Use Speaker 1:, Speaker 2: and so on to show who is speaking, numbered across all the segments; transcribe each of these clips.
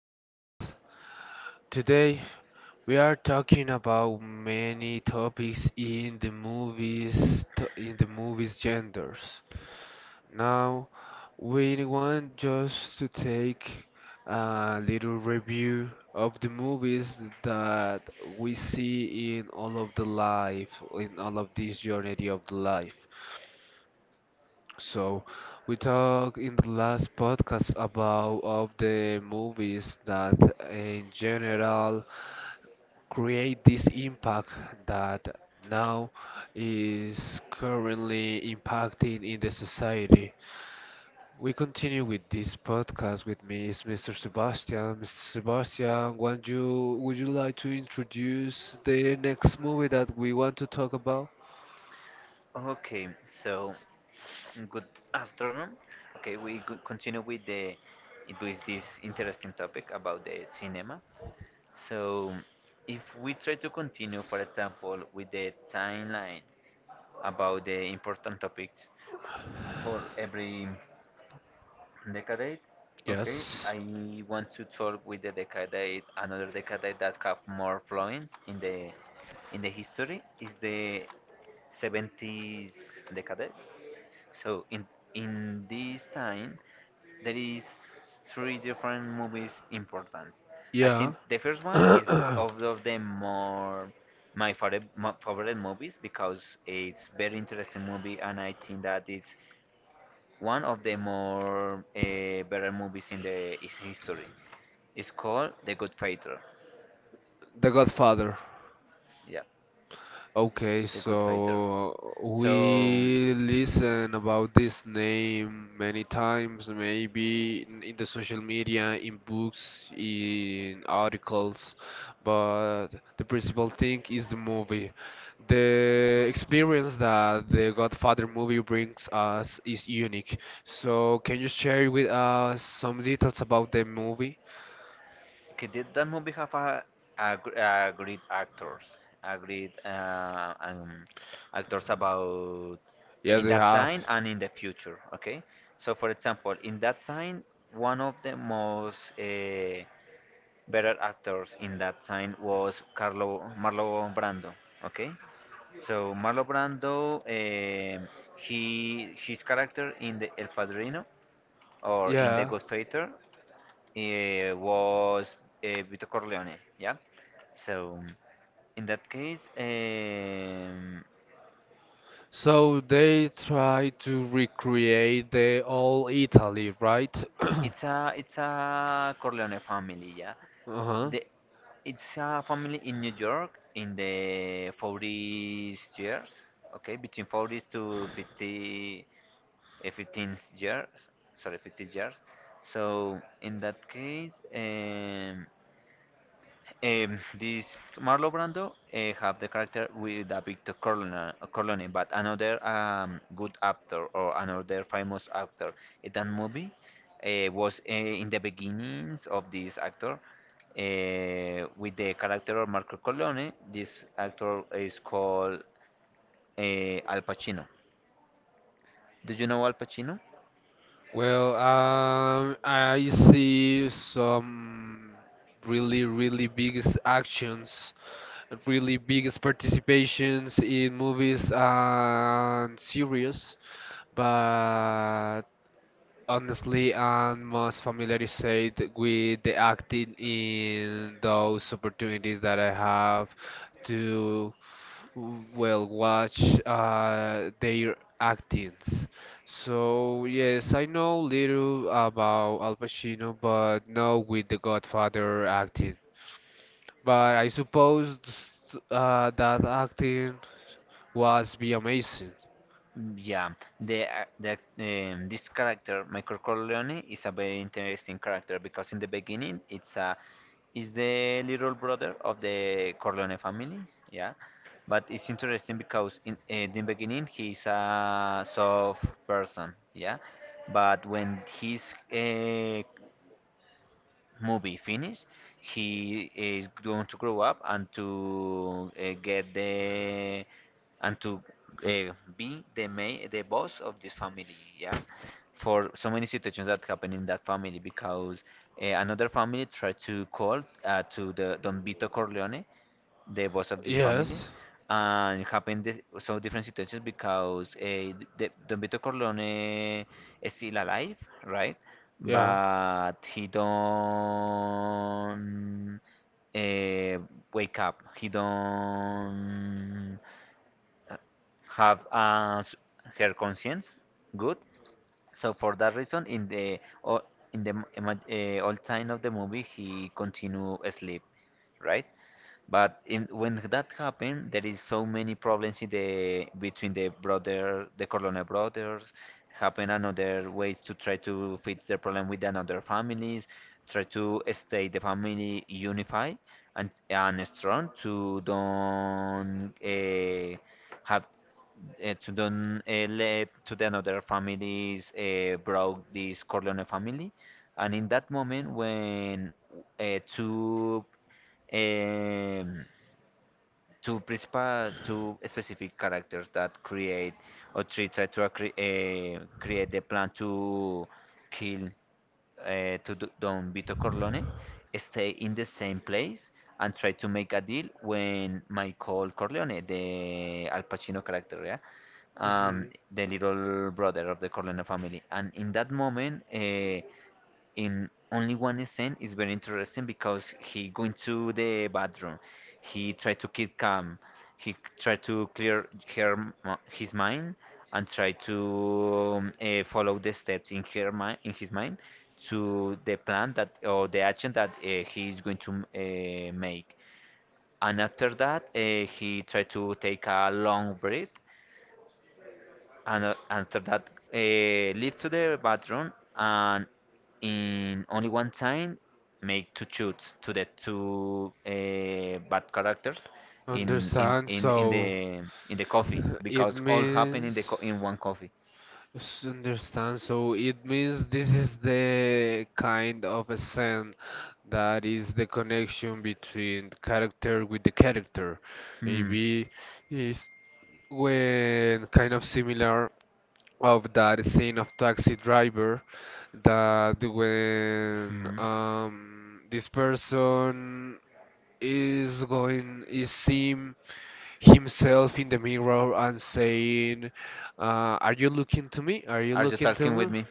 Speaker 1: us. Today we are talking about many topics in the movies genders. Now we want just to take a little review of the movies that we see in all of the life in all of this journey of the life. So, we talked in the last podcast about of the movies that in general create this impact that now is currently impacting in the society. We continue with this podcast with me is Mr. Sebastian. Mr. Sebastian, would you like to introduce the next movie that we want to talk about?
Speaker 2: Okay, so good afternoon. Okay, we could continue with this interesting topic about the cinema. So, if we try to continue, for example, with the timeline about the important topics for every decade. Okay,
Speaker 1: Yes.
Speaker 2: I want to talk with the decade, another decade that have more influence in the history is the 70s decade. So in this time, there is three different movies important. I
Speaker 1: Yeah.
Speaker 2: think the first one is of the more my favorite movies because it's very interesting movie and I think that it's one of the more better movies in the his history. It's called The Good Fighter.
Speaker 1: The Godfather.
Speaker 2: Yeah,
Speaker 1: Okay,
Speaker 2: The Good Fighter.
Speaker 1: so
Speaker 2: So
Speaker 1: we listen about this name many times, maybe in the social media, in books, in articles, but the principal thing is the movie. The experience that the Godfather movie brings us is unique. So can you share with us some details about the movie?
Speaker 2: okay, did that movie have a, gr- a great actors, a great actors about
Speaker 1: Yes,
Speaker 2: in
Speaker 1: I
Speaker 2: that
Speaker 1: have.
Speaker 2: time and in the future? Okay, so for example, in that time, one of the most better actors in that time was Carlo Marlon Brando. Okay, so Marlon Brando, he his character in the El Padrino or in the
Speaker 1: Yeah.
Speaker 2: Godfather was Vito Corleone. Yeah, so in that case,
Speaker 1: So they try to recreate the old Italy, right?
Speaker 2: it's a Corleone family. Yeah,
Speaker 1: Uh-huh.
Speaker 2: The, it's a family in New York in the 40s years, okay, between 40s to 50, 15 years, sorry, 50 years. So in that case, this Marlon Brando have the character with a Victor but another good actor or another famous actor in that movie was in the beginnings of this actor with the character of Marco Corleone. This actor is called uh, Al Pacino. Do you know Al Pacino?
Speaker 1: Well, I see some really, really biggest actions, really biggest participations in movies and series, but honestly I'm most familiarized with the acting in those opportunities that I have to well watch their actings. So yes, I know little about Al Pacino, but not with the Godfather acting. But I suppose that acting was be amazing.
Speaker 2: Mm, yeah, the ac- the this character Michael Corleone is a very interesting character because in the beginning it's a is the little brother of the Corleone family. Yeah, but it's interesting because in the beginning he's a soft person. Yeah, but when he's movie finish, he is going to grow up and to and to be the main, the boss of this family. Yeah, for so many situations that happen in that family because another family tried to call to the Don Vito Corleone the boss of this family
Speaker 1: Yes.
Speaker 2: and happened this so different situations because Don Vito Corleone is still alive, right?
Speaker 1: Yeah.
Speaker 2: But he don't uh, wake up. He don't have her conscience. Good. So for that reason, o- in the old time of the movie, he continue asleep, right? But when that happened, there is so many problems in the between the Corleone brothers. Happen another ways to try to fix the problem with another families. Try to stay the family unified and strong to don't have to don't let to the another families broke this Corleone family. And in that moment, when two, um, two principal two specific characters that create or three try to create the plan to kill Don Vito Corleone, stay in the same place and try to make a deal when Michael Corleone, the Al Pacino character, yeah,
Speaker 1: hmm
Speaker 2: the little brother of the Corleone family. And in that moment, in only one scene is very interesting because he going to the bathroom, he tried to keep calm, he tried to clear her his mind, and try to follow the steps in his mind to the plan that or the action that he is going to make, and after that he tried to take a long breath, and after that leave to the bathroom, and in only one time make two shoots to the two bad characters in in,
Speaker 1: Understand.
Speaker 2: in in the in the coffee
Speaker 1: It
Speaker 2: because all happen
Speaker 1: means
Speaker 2: in one coffee.
Speaker 1: Understand. So it means this is the kind of a scent that is the connection between character with the character.
Speaker 2: Hmm.
Speaker 1: Maybe is when kind of similar of that scene of Taxi Driver that when
Speaker 2: Hmm,
Speaker 1: this person is going is seeing himself in the mirror and saying, "Are you looking to me? Are you
Speaker 2: are you
Speaker 1: looking to
Speaker 2: talking with
Speaker 1: me?"
Speaker 2: me?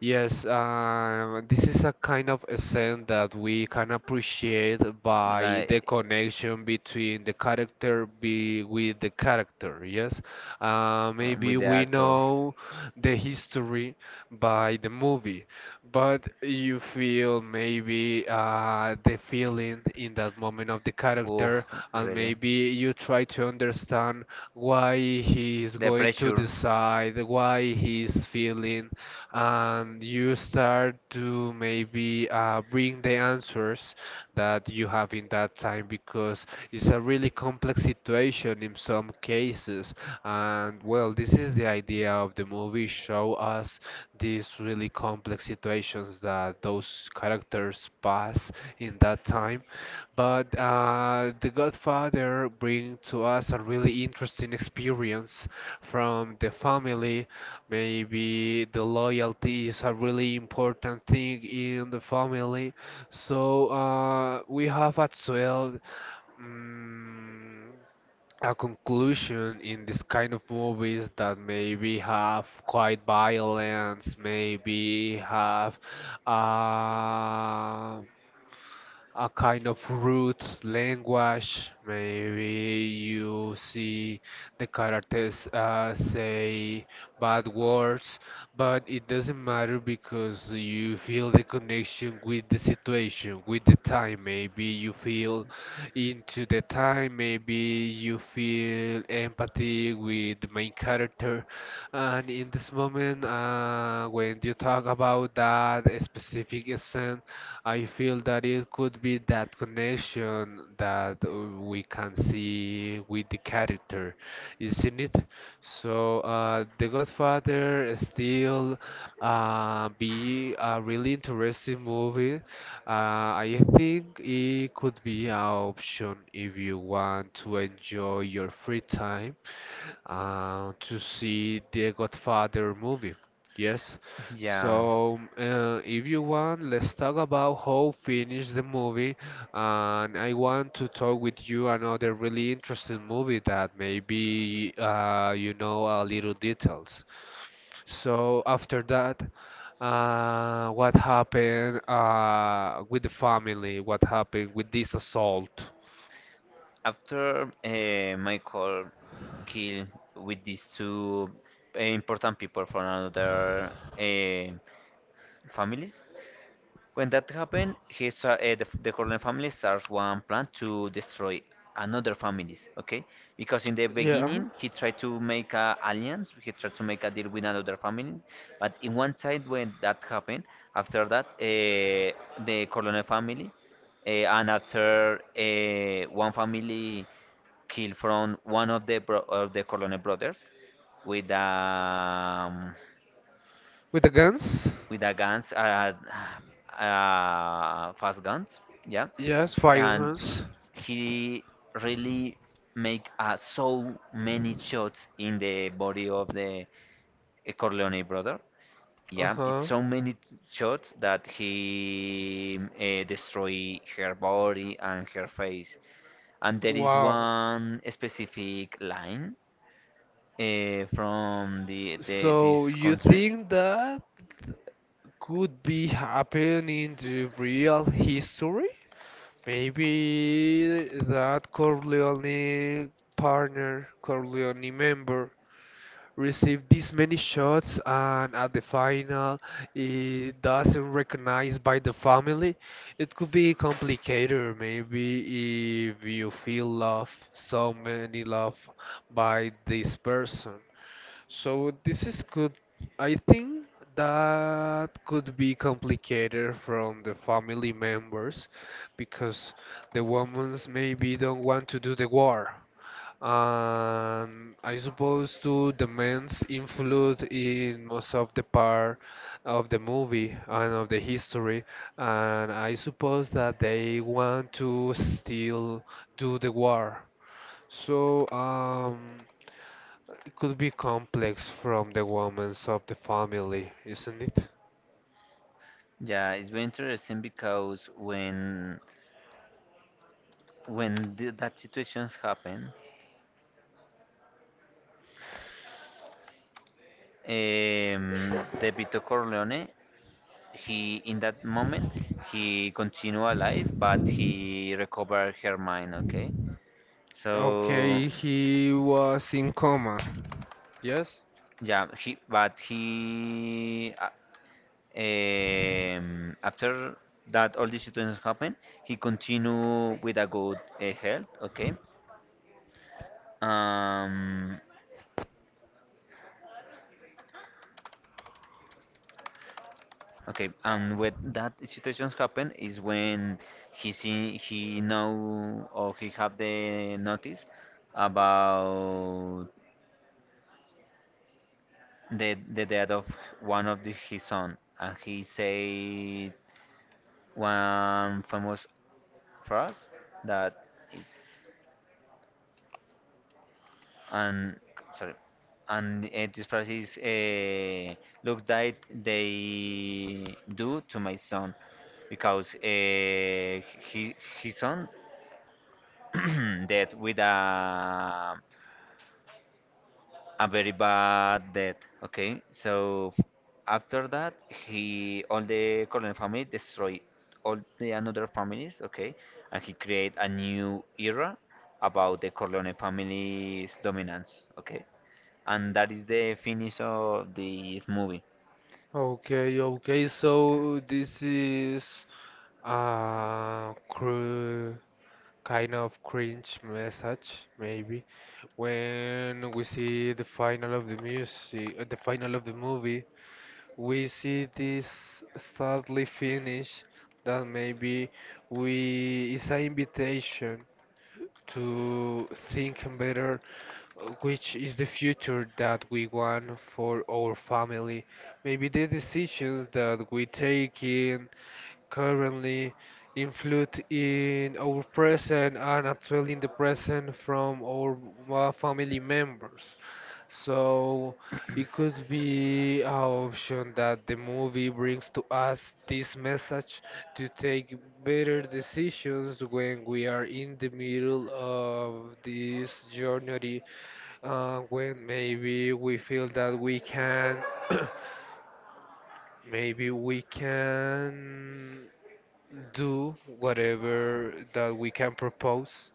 Speaker 1: Yes, this is a kind of a scene that we can appreciate by the
Speaker 2: Like,
Speaker 1: connection between the character be with the character. Yes, maybe
Speaker 2: with the
Speaker 1: we
Speaker 2: actor.
Speaker 1: know the history by the movie, but you feel maybe the feeling in that moment of the
Speaker 2: Oof,
Speaker 1: character, and
Speaker 2: really.
Speaker 1: maybe you try to understand why he is
Speaker 2: The
Speaker 1: going to
Speaker 2: pressure.
Speaker 1: decide, why he is feeling and you start to maybe bring the answers that you have in that time because it's a really complex situation in some cases. And well, this is the idea of the movie, show us these really complex situations that those characters pass in that time. But The Godfather brings to us a really interesting experience from the family. Maybe the loyalty is a really important thing in the family. So we have as well mm, a conclusion in this kind of movies that maybe have quite violence, maybe have uh, a kind of root language. Maybe you see the characters say bad words, but it doesn't matter because you feel the connection with the situation, with the time. Maybe you feel into the time, maybe you feel empathy with the main character. And in this moment, when you talk about that specific scene, I feel that it could be that connection that we can see with the character, isn't it? So The Godfather still be a really interesting movie. I think it could be an option if you want to enjoy your free time to see the Godfather movie. Yes.
Speaker 2: Yeah.
Speaker 1: So, if you want, let's talk about how finish the movie. And I want to talk with you another really interesting movie that maybe you know a little details. So after that, what happened with the family? What happened with this assault?
Speaker 2: After Michael killed with these two important people from another uh, families, when that happened, he start, the, f- the Corleone family starts one plan to destroy another families. Okay, because in the beginning he tried to make a alliance, he tried to make a deal with another family, but in one side when that happened, after that the Corleone family, and after one family killed from one of the bro- of the Corleone brothers with um,
Speaker 1: With the guns?
Speaker 2: with a guns, fast guns, yeah,
Speaker 1: Yes, fire
Speaker 2: and
Speaker 1: guns.
Speaker 2: he really make so many shots in the body of the Corleone brother.
Speaker 1: Uh
Speaker 2: Yeah, it's
Speaker 1: huh.
Speaker 2: so many shots that he destroy her body and her face. And there is
Speaker 1: Wow.
Speaker 2: one specific line from the
Speaker 1: So
Speaker 2: this
Speaker 1: you
Speaker 2: country.
Speaker 1: think that could be happen in the real history? Maybe that Corleone partner, Corleone member received this many shots and at the final it doesn't recognized by the family, it could be complicated maybe if you feel love, so many love by this person. So this is good. I think that could be complicated from the family members because the women's maybe don't want to do the war. And I suppose too the men's influence in most of the part of the movie and of the history, and I suppose that they want to still do the war. So, it could be complex from the women of the family, isn't it?
Speaker 2: Yeah, it's very interesting because when that situations happen, the Vito Corleone, he in that moment he continue alive, but he recovered her mind. Okay, so
Speaker 1: Okay, he was in coma. Yes?
Speaker 2: yeah, he but he, after that all these situations happen, he continue with a good health. Okay, um, okay, and when that situations happen is when he see, he know, or he have the notice about the death of one of his son, and he say one famous phrase that is, and sorry, and this phrase is, look that they do to my son, because he, his son dead with a very bad death. Okay, so after that, he all the colonel family destroy all the another families. Okay, and he create a new era about the Corleone family's dominance. Okay, and that is the finish of this movie.
Speaker 1: Okay, okay, so this is a cru kind of cringe message, maybe. When we see the final of the music, the final of the movie, we see this sadly finish that maybe we is an invitation to think better which is the future that we want for our family. Maybe the decisions that we take currently influence in our present and actually in the present from our family members. So it could be an option that the movie brings to us this message to take better decisions when we are in the middle of this journey, when maybe we feel that we can, maybe we can do whatever that we can propose,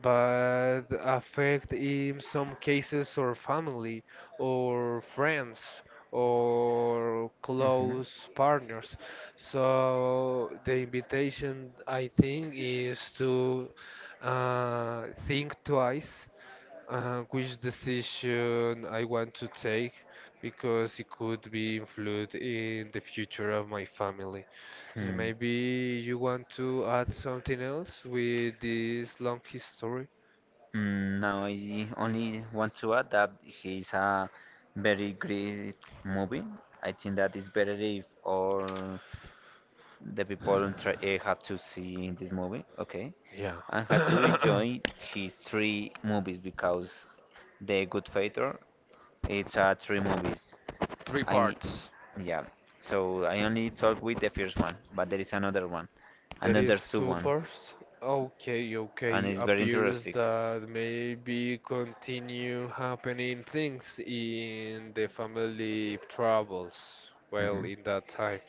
Speaker 1: but affect in some cases our family or friends or
Speaker 2: Mhm.
Speaker 1: close partners. So the invitation I think is to think twice which decision I want to take because it could be influenced in the future of my family. So
Speaker 2: Hmm.
Speaker 1: maybe you want to add something else with this long history?
Speaker 2: No, I only want to add that he's a very great movie. I think that is better if all the people try, have to see this movie, okay?
Speaker 1: Yeah.
Speaker 2: And had to enjoy his three movies because The Good Fighter it's a three movies.
Speaker 1: Three
Speaker 2: I
Speaker 1: parts.
Speaker 2: Yeah. So I only talk with the first one, but there is another one,
Speaker 1: There is
Speaker 2: another two
Speaker 1: two
Speaker 2: ones,
Speaker 1: parts. Okay,
Speaker 2: and
Speaker 1: okay.
Speaker 2: it's very
Speaker 1: Appears
Speaker 2: interesting.
Speaker 1: that maybe continue happening things in the family troubles. Well,
Speaker 2: Mhm.
Speaker 1: in that time.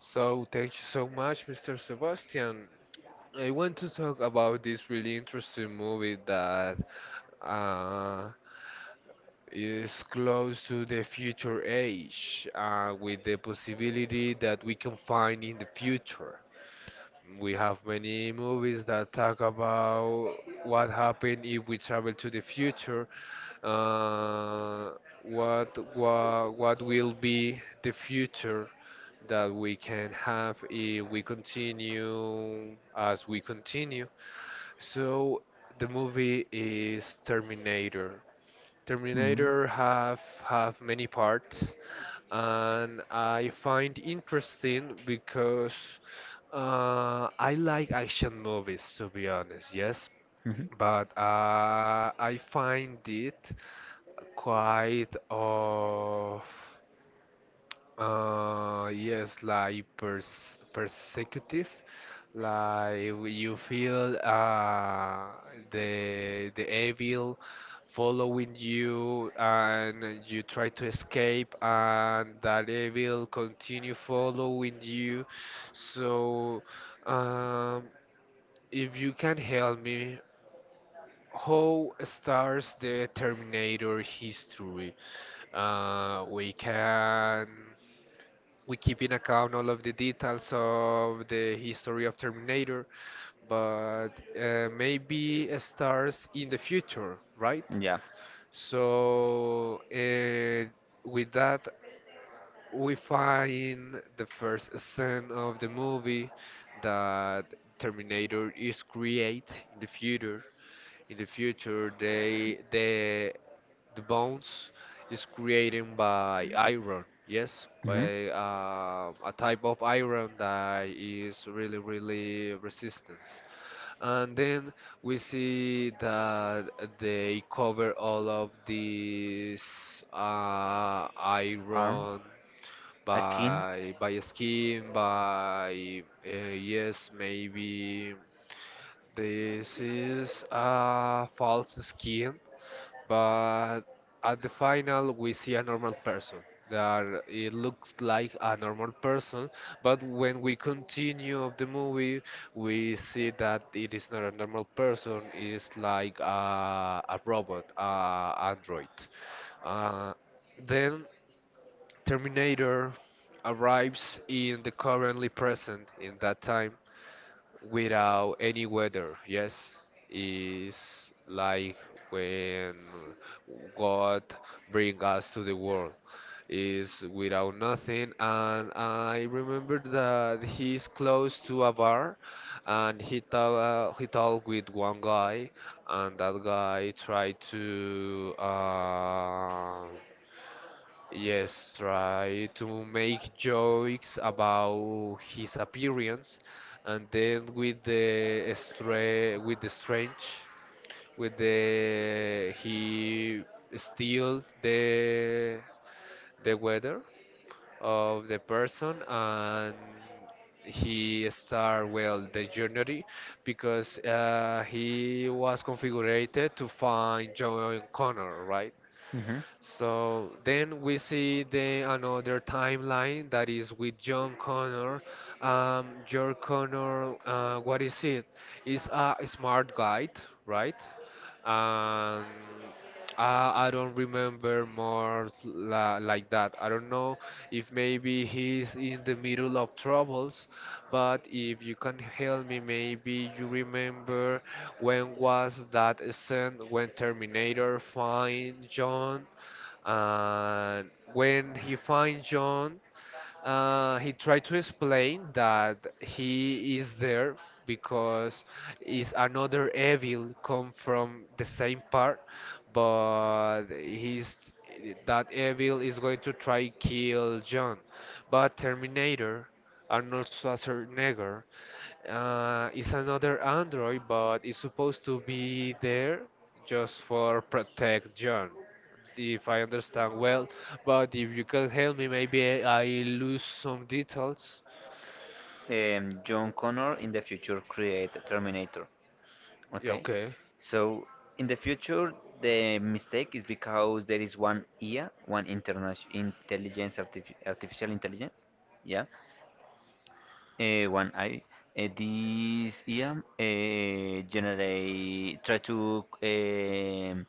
Speaker 1: So thank you so much, Mr. Sebastian. I want to talk about this really interesting movie that uh, is close to the future age, with the possibility that we can find in the future. We have many movies that talk about what happened if we travel to the future, uh, what will be the future that we can have if we continue as we continue. So the movie is Terminator.
Speaker 2: Hmm.
Speaker 1: Terminator have many parts and I find interesting because I like action movies, to be honest, yes.
Speaker 2: Hmm.
Speaker 1: But I find it quite of yes, like persecutive, like you feel the evil following you, and you try to escape, and that evil continue following you. So, um, if you can help me, how starts the Terminator history? Uh, we can we keep in account all of the details of the history of Terminator, but maybe it starts in the future, right?
Speaker 2: Yeah.
Speaker 1: So with that, we find the first scene of the movie that Terminator is create in the future the bones is created by iron yes
Speaker 2: Hmm.
Speaker 1: by a type of iron that is really really resistance and then we see that they cover all of these iron
Speaker 2: Arm, a skin.
Speaker 1: by skin by yes maybe this is a false skin, but at the final we see a normal person. That it looks like a normal person, but when we continue of the movie, we see that it is not a normal person. It is like a robot, a android. Uh, then Terminator arrives in the currently present in that time without any weather. Yes, is like when God bring us to the world. Is without nothing, and I remember that he's close to a bar, and he talked with one guy, and that guy tried to. Yes, try to make jokes about his appearance, and then with the strange, with the he steal the weather of the person, and he start well the journey because he was configured to find John Connor, right?
Speaker 2: Hmm.
Speaker 1: So then we see the another timeline that is with John Connor. John Connor, what is it? Is a smart guy, right? Um, I don't remember more like that. I don't know if maybe he's in the middle of troubles, but if you can help me, maybe you remember when was that scene when Terminator find John and when he finds John, he tried to explain that he is there because is another evil come from the same part, but he's that evil is going to try kill John. But Terminator, Arnold Schwarzenegger, it's another Android, but it's supposed to be there just for protect John, if I understand well. But if you can help me, maybe I lose some details.
Speaker 2: John Connor in the future create Terminator.
Speaker 1: Yeah,
Speaker 2: Okay,
Speaker 1: okay.
Speaker 2: so in the future the mistake is because there is one IA, one international intelligence, artificial intelligence. Yeah. One I, this EM, generate try to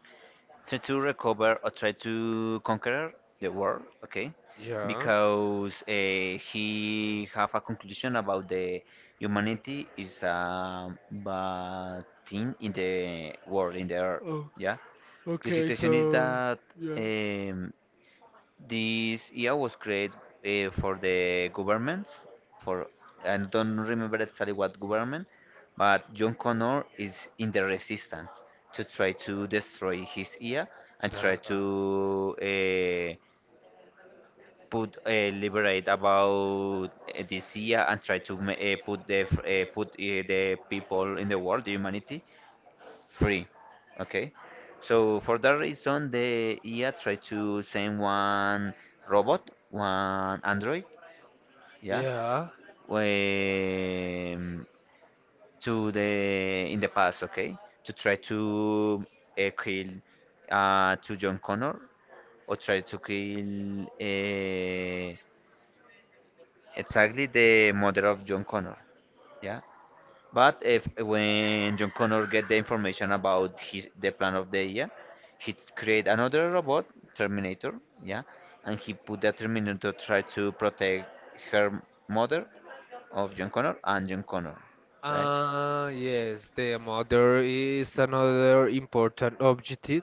Speaker 2: try to recover or try to conquer the world, okay?
Speaker 1: Yeah.
Speaker 2: Because he have a conclusion about the humanity is a bad thing in the world in the earth.
Speaker 1: Oh,
Speaker 2: Yeah, the
Speaker 1: okay,
Speaker 2: situation is
Speaker 1: so
Speaker 2: that
Speaker 1: yeah.
Speaker 2: um, this year was created for the government, for, I don't remember exactly what government, but John Connor is in the resistance to try to destroy his ear and
Speaker 1: Uh,
Speaker 2: try
Speaker 1: uh,
Speaker 2: to put liberate about this ear and try to put the people in the world, the humanity, free. Okay. So for that reason, the IA tried to send one robot, one android, yeah,
Speaker 1: yeah.
Speaker 2: um, to the in the past, okay, to try to kill to John Connor or try to kill exactly the mother of John Connor, yeah. But if when John Connor get the information about his the plan of the year, he create another robot, Terminator, yeah, and he put that Terminator try to protect her mother of John Connor and John Connor, right?
Speaker 1: Yes, the mother is another important objective.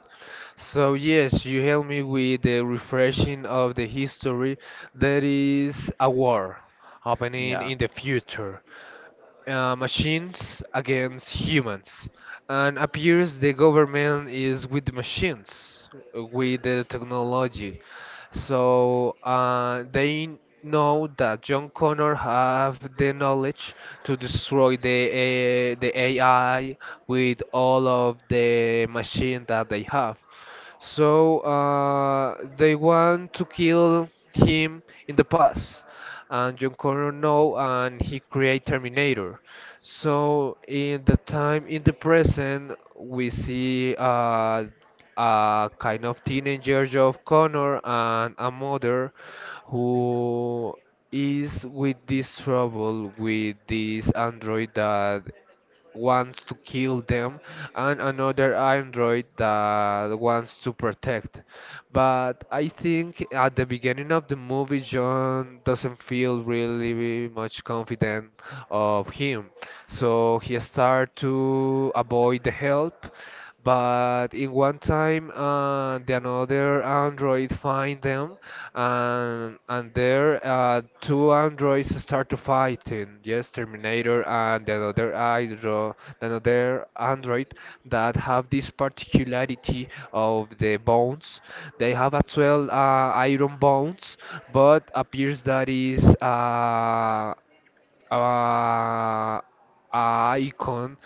Speaker 1: So yes, you help me with the refreshing of the history. There is a war happening
Speaker 2: Yeah,
Speaker 1: in the future. Uh, machines against humans. And appears the government is with the machines, with the technology. So they know that John Connor have the knowledge to destroy the AI with all of the machine that they have. They want to kill him in the past, and John Connor know, and he create Terminator. So in the time in the present we see a kind of teenager of Connor and a mother who is with this trouble with this android that wants to kill them, and another android that wants to protect. But I think at the beginning of the movie, John doesn't feel really much confident of him. So he starts to avoid the help, but in one time, the another android find them, and there two androids start to fighting. Yes, Terminator and the other andro, the another android that have this particularity of the bones. They have as well iron bones, but appears that is uh, icon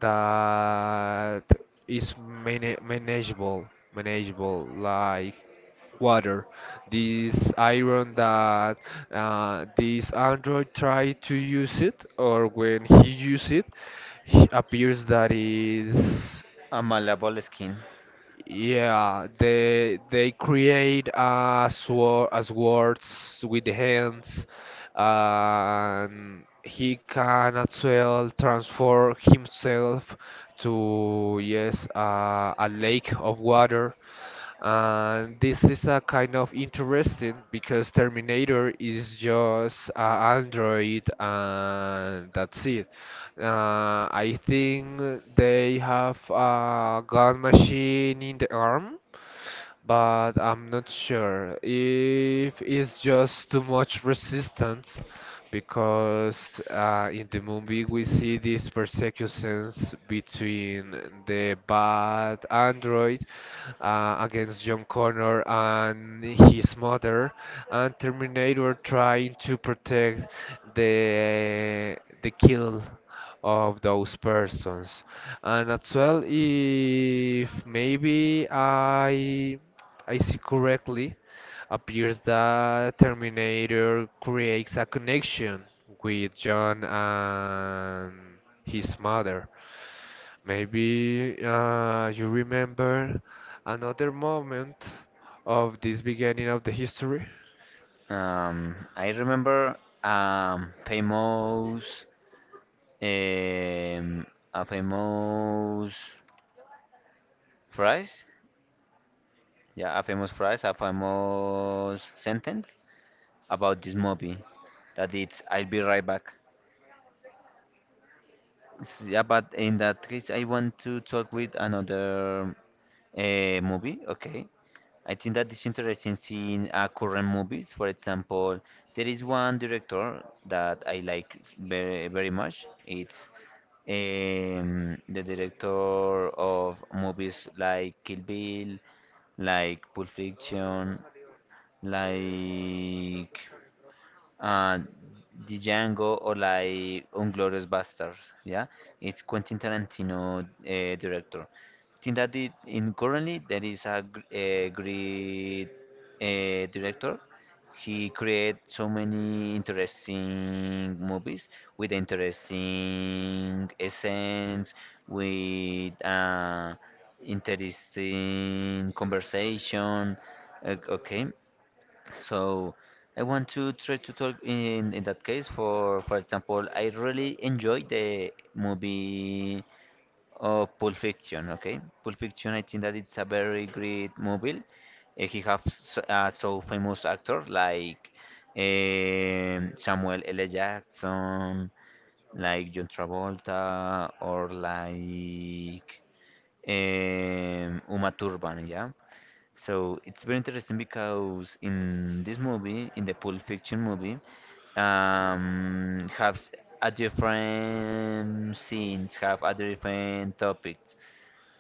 Speaker 1: that is manageable, manageable like water. This iron that this android tried to use it, or when he use it, he appears that is.
Speaker 2: a malleable skin.
Speaker 1: Yeah, they create sword as words with the hands, and he can as well transform himself to yes, a lake of water. This is a kind of interesting because Terminator is just Android and that's it. I think they have a gun machine in the arm, but I'm not sure if it's just too much resistance, because in the movie we see this persecution between the bad android against John Connor and his mother, and Terminator trying to protect the kill of those persons. And as well, if maybe I see correctly, appears that Terminator creates a connection with John and his mother. Maybe you remember another moment of this beginning of the history?
Speaker 2: I remember famous um, a famous phrase, yeah, a famous phrase, a famous sentence about this movie. That it's, I'll be right back. Yeah, but in that case, I want to talk with another movie. Okay, I think that is interesting seeing current movies. For example, there is one director that I like very, very much. It's the director of movies like Kill Bill, like Pulp Fiction, like uh, the Django or like Unglorious Bastards. Yeah, it's Quentin Tarantino, director. Think that it, in currently there is a great director. He create so many interesting movies with interesting essence, with interesting conversation. Okay, so I want to try to talk in that case, for example, I really enjoy the movie of Pulp Fiction, okay? Pulp Fiction, I think that it's a very great movie. Eh, he has so famous actors like Samuel L. Jackson, like John Travolta, or like Uma Thurman, yeah? So it's very interesting because in this movie, in the Pulp Fiction movie, have a different scenes, have a different topics.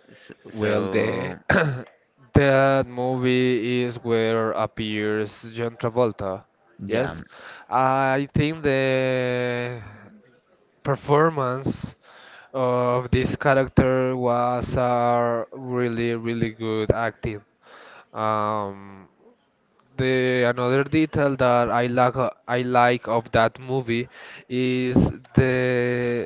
Speaker 1: Well,
Speaker 2: So
Speaker 1: the that movie is where appears John Travolta.
Speaker 2: yeah.
Speaker 1: Yes, I think the performance of this character was a really, really good acting. Um, the another detail that I like of that movie is the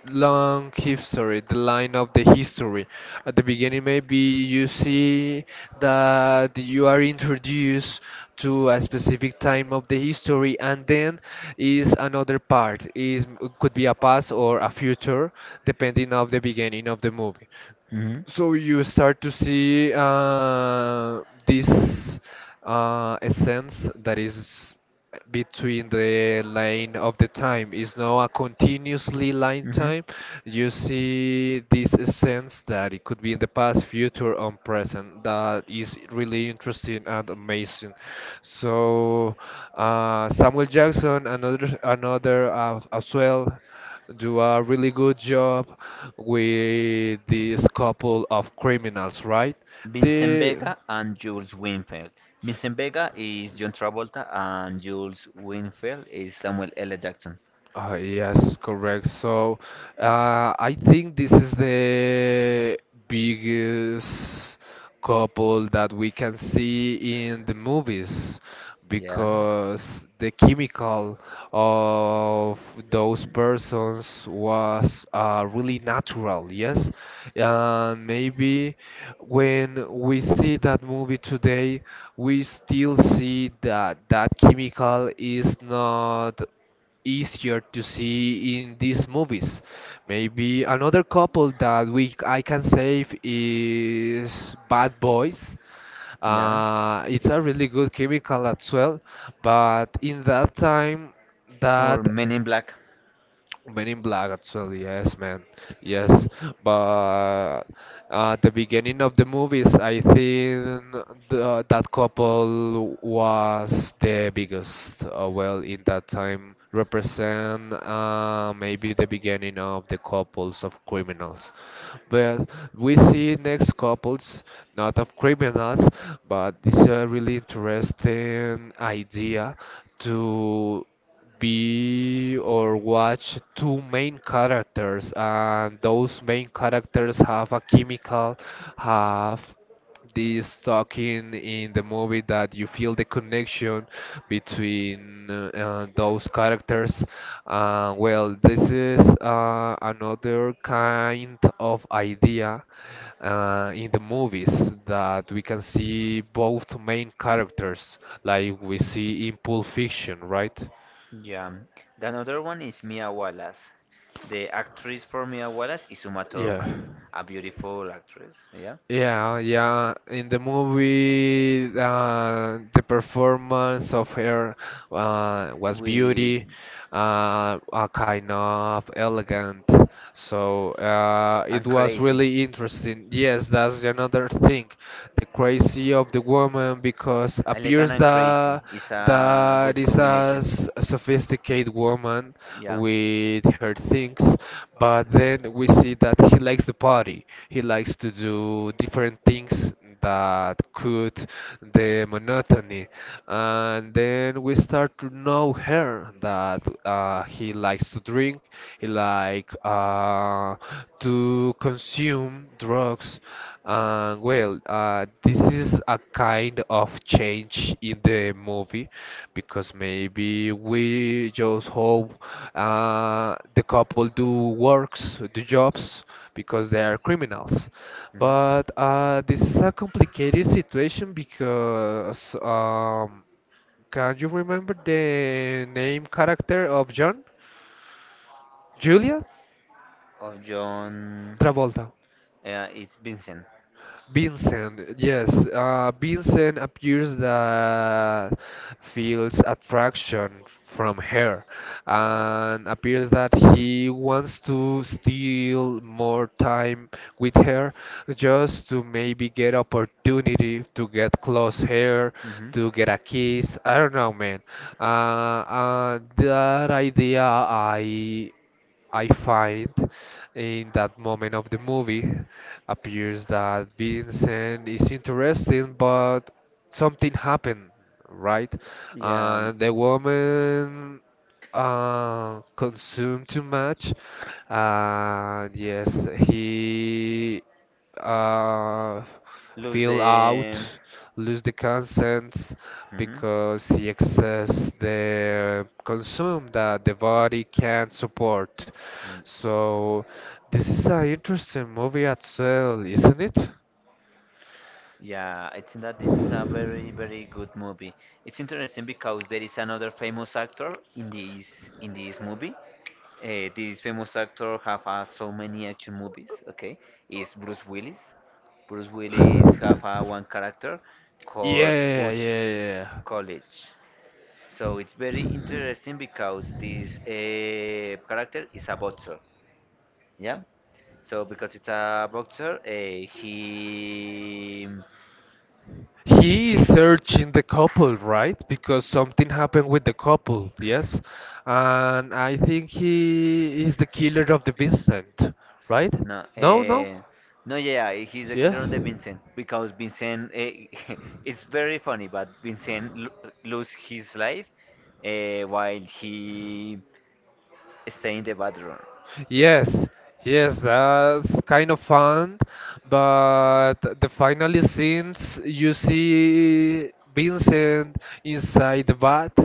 Speaker 1: long history, the line of the history. At the beginning, maybe you see that you are introduced to a specific time of the history, and then is another part. Is could be a past or a future, depending of the beginning of the movie.
Speaker 2: Hmm.
Speaker 1: So you start to see this essence that is between the line of the time. It's not a continuously line
Speaker 2: Hmm.
Speaker 1: time. You see this essence that it could be in the past, future, or present. That is really interesting and amazing. So Samuel Jackson, another as well do a really good job with this couple of criminals, right?
Speaker 2: Vincent
Speaker 1: The
Speaker 2: Vega and Jules Winfield. Vincent Vega is John Travolta and Jules Winfield is Samuel L. Jackson.
Speaker 1: Yes, correct. So, I think this is the biggest couple that we can see in the movies,
Speaker 2: Yeah.
Speaker 1: because the chemical of those persons was really natural, yes. And maybe when we see that movie today, we still see that that chemical is not easier to see in these movies. Maybe another couple that we I can save is Bad Boys.
Speaker 2: Yeah.
Speaker 1: It's a really good chemical as well, but in that time
Speaker 2: Or
Speaker 1: that
Speaker 2: Men in Black.
Speaker 1: Men in Black, actually, yes, man, yes. But at the beginning of the movies, I think that couple was the biggest. Well, in that time, represent maybe the beginning of the couples of criminals. But we see next couples, not of criminals, but this is a really interesting idea to be or watch two main characters, and those main characters have a chemical, have this talking in the movie that you feel the connection between those characters. Well this is another kind of idea in the movies that we can see both main characters like we see in Pulp Fiction, right?
Speaker 2: Yeah. The another one is Mia Wallace. The actress for Mia Wallace is Uma
Speaker 1: Yeah.
Speaker 2: Thurman, a beautiful actress. Yeah.
Speaker 1: Yeah, yeah. In the movie, the performance of her was
Speaker 2: With
Speaker 1: beauty, a kind of elegant. So it
Speaker 2: and
Speaker 1: was
Speaker 2: crazy.
Speaker 1: really interesting. Yes, that's another thing the crazy of the woman because
Speaker 2: Elegant
Speaker 1: appears
Speaker 2: and crazy
Speaker 1: that
Speaker 2: is a
Speaker 1: that
Speaker 2: good
Speaker 1: is a
Speaker 2: combination.
Speaker 1: s- a sophisticated woman
Speaker 2: Yeah.
Speaker 1: with her things, but then we see that he likes the party, he likes to do different things that could the monotony. And then we start to know her that he likes to drink, he like uh, to consume drugs. And well, this is a kind of change in the movie because maybe we just hope the couple do works, do jobs, because they are criminals.
Speaker 2: Mhm.
Speaker 1: But this is a complicated situation because can you remember the name character of John? Julia
Speaker 2: Of John.
Speaker 1: Travolta.
Speaker 2: Yeah, it's Vincent.
Speaker 1: Vincent, yes, Vincent appears that feels attraction from her, and appears that he wants to steal more time with her, just to maybe get opportunity to get close hair,
Speaker 2: Mhm.
Speaker 1: to get a kiss. I don't know, man. Uh, that idea I find in that moment of the movie appears that Vincent is interesting, but something happened, right?
Speaker 2: Yeah,
Speaker 1: And the woman consumed too much. Yes, he uh,
Speaker 2: lose
Speaker 1: feel
Speaker 2: the.
Speaker 1: out, lose the consent
Speaker 2: Mhm.
Speaker 1: because the excess the consume that the body can't support.
Speaker 2: Mm.
Speaker 1: So this is an interesting movie as well, isn't it?
Speaker 2: Yeah, I think that it's a very, very good movie. It's interesting because there is another famous actor in this movie. This famous actor have so many action movies. Okay, is Bruce Willis. Bruce Willis have one character
Speaker 1: Yeah,
Speaker 2: called
Speaker 1: yeah, yeah, yeah,
Speaker 2: Butch
Speaker 1: yeah, yeah.
Speaker 2: College. So it's very interesting because this character is a boxer. Yeah. So because it's a boxer,
Speaker 1: He
Speaker 2: he
Speaker 1: is searching the couple, right? Because something happened with the couple, yes? And I think he is the killer of the Vincent, right?
Speaker 2: no,
Speaker 1: No, no?
Speaker 2: no, yeah, yeah, he's the
Speaker 1: Yeah.
Speaker 2: killer on the Vincent because Vincent, it's very funny, but Vincent lo lose his life while he stay in the bathroom.
Speaker 1: Yes, yes, that's kind of fun, but the final scenes you see Vincent inside the bath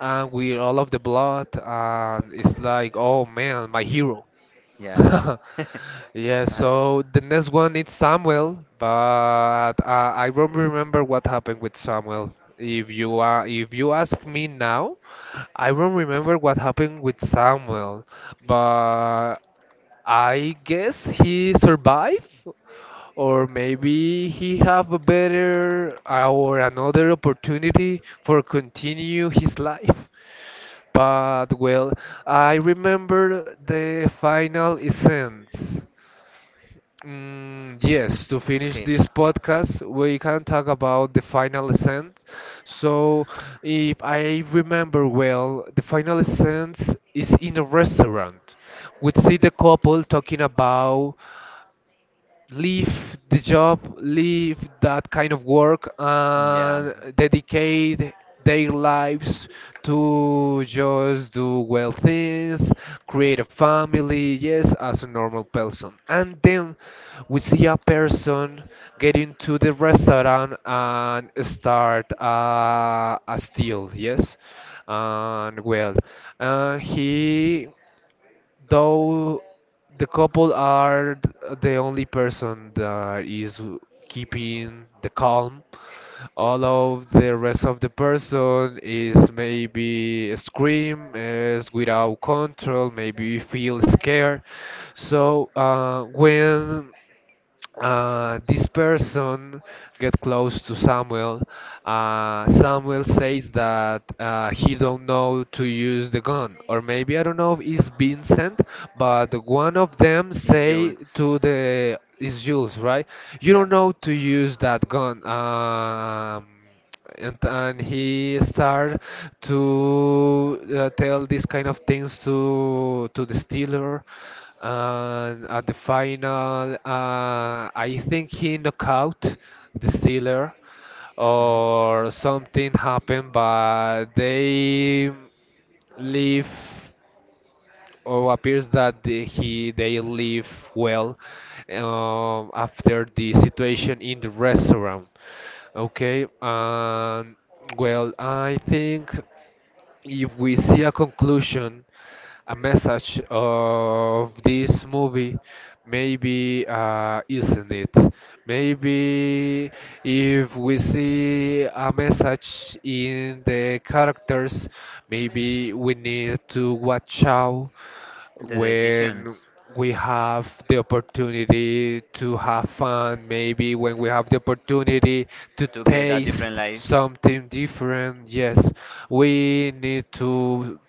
Speaker 1: and with all of the blood, and it's like, oh man, my hero.
Speaker 2: Yeah,
Speaker 1: Yeah,
Speaker 2: I,
Speaker 1: so the next one is Samuel, but I don't remember what happened with Samuel. If you ask me now, I don't remember what happened with Samuel, but I guess he survived, or maybe he have a better or another opportunity for continue his life. But well, I remember the final essence. Mm, yes, to finish
Speaker 2: okay.
Speaker 1: this podcast, we can talk about the final essence. So, if I remember well, the final essence is in a restaurant. We see the couple talking about leave the job, leave that kind of work, and dedicate their lives to just do well things, create a family, yes, as a normal person. And then we see a person get into the restaurant and start a steal, yes. And well, he though the couple are th- the only person that is keeping the calm, all of the rest of the person is maybe scream, is without control, maybe feel scared. So when this person get close to Samuel. Samuel says that he don't know to use the gun, or maybe I don't know if it's Vincent, but one of them say to the is Jules, right? You don't know to use that gun. And he started to tell these kind of things to the Steeler. And at the final, I think he knocked out the Steeler, or something happened, but they leave or appears that the- he they live well, after the situation in the restaurant. Okay, and well, I think if we see a conclusion, a message of this movie. Maybe isn't it? Maybe if we see a message in the characters, maybe we need to watch out
Speaker 2: The
Speaker 1: when
Speaker 2: decisions
Speaker 1: we have the opportunity to have fun, maybe when we have the opportunity to
Speaker 2: to get a different
Speaker 1: taste
Speaker 2: life.
Speaker 1: something different, yes, we need to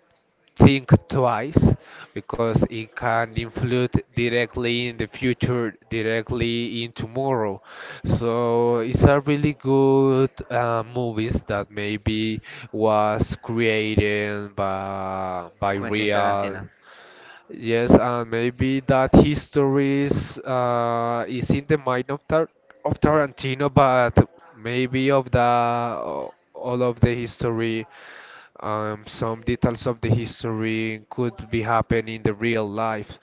Speaker 1: think twice, because it can influence directly in the future, directly in tomorrow. So it's a really good movies that maybe was created by
Speaker 2: Quentin
Speaker 1: real.
Speaker 2: Tarantino.
Speaker 1: Yes, and maybe that histories is in the mind of Tarantino, but maybe of the all of the history, some details of the history could be happen in the real life.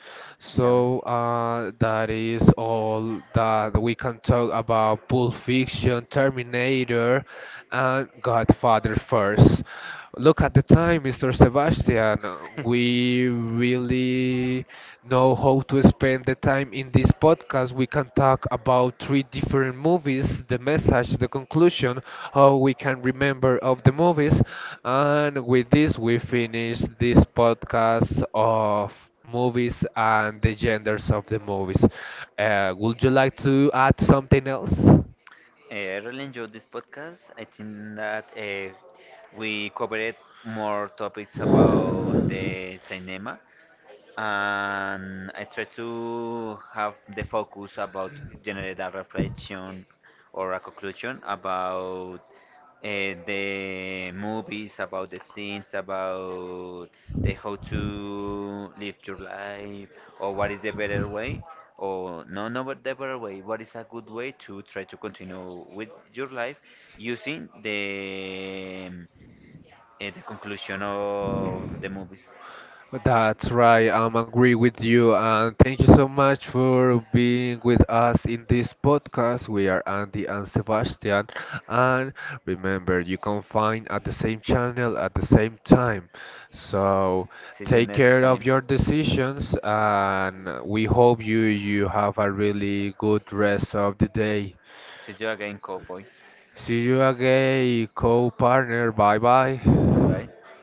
Speaker 2: Yeah.
Speaker 1: So that is all that we can talk about Pulp Fiction, Terminator, and Godfather first. Look at the time, Mr. Sebastian. We really know how to spend the time in this podcast. We can talk about 3 different movies, the message, the conclusion, how we can remember of the movies, and with this we finish this podcast of movies and the genders of the movies. Would you like to add something else?
Speaker 2: I really enjoyed this podcast. I think that we covered more topics about the cinema, and I try to have the focus about generate a reflection or a conclusion about the movies, about the scenes, about the how to live your life, or what is the better way, or no, no, but the better way. What is a good way to try to continue with your life using the conclusion of the movies.
Speaker 1: That's right, I'm agree with you, and thank you so much for being with us in this podcast. We are Andy and Sebastian, and remember, you can find at the same channel at the same time. So
Speaker 2: See you
Speaker 1: take
Speaker 2: next
Speaker 1: care of
Speaker 2: time.
Speaker 1: your decisions, and we hope you have a really good rest of the day.
Speaker 2: Se jogar em Cowboy.
Speaker 1: See you again, co-partner. Bye bye.
Speaker 2: Vai, vai.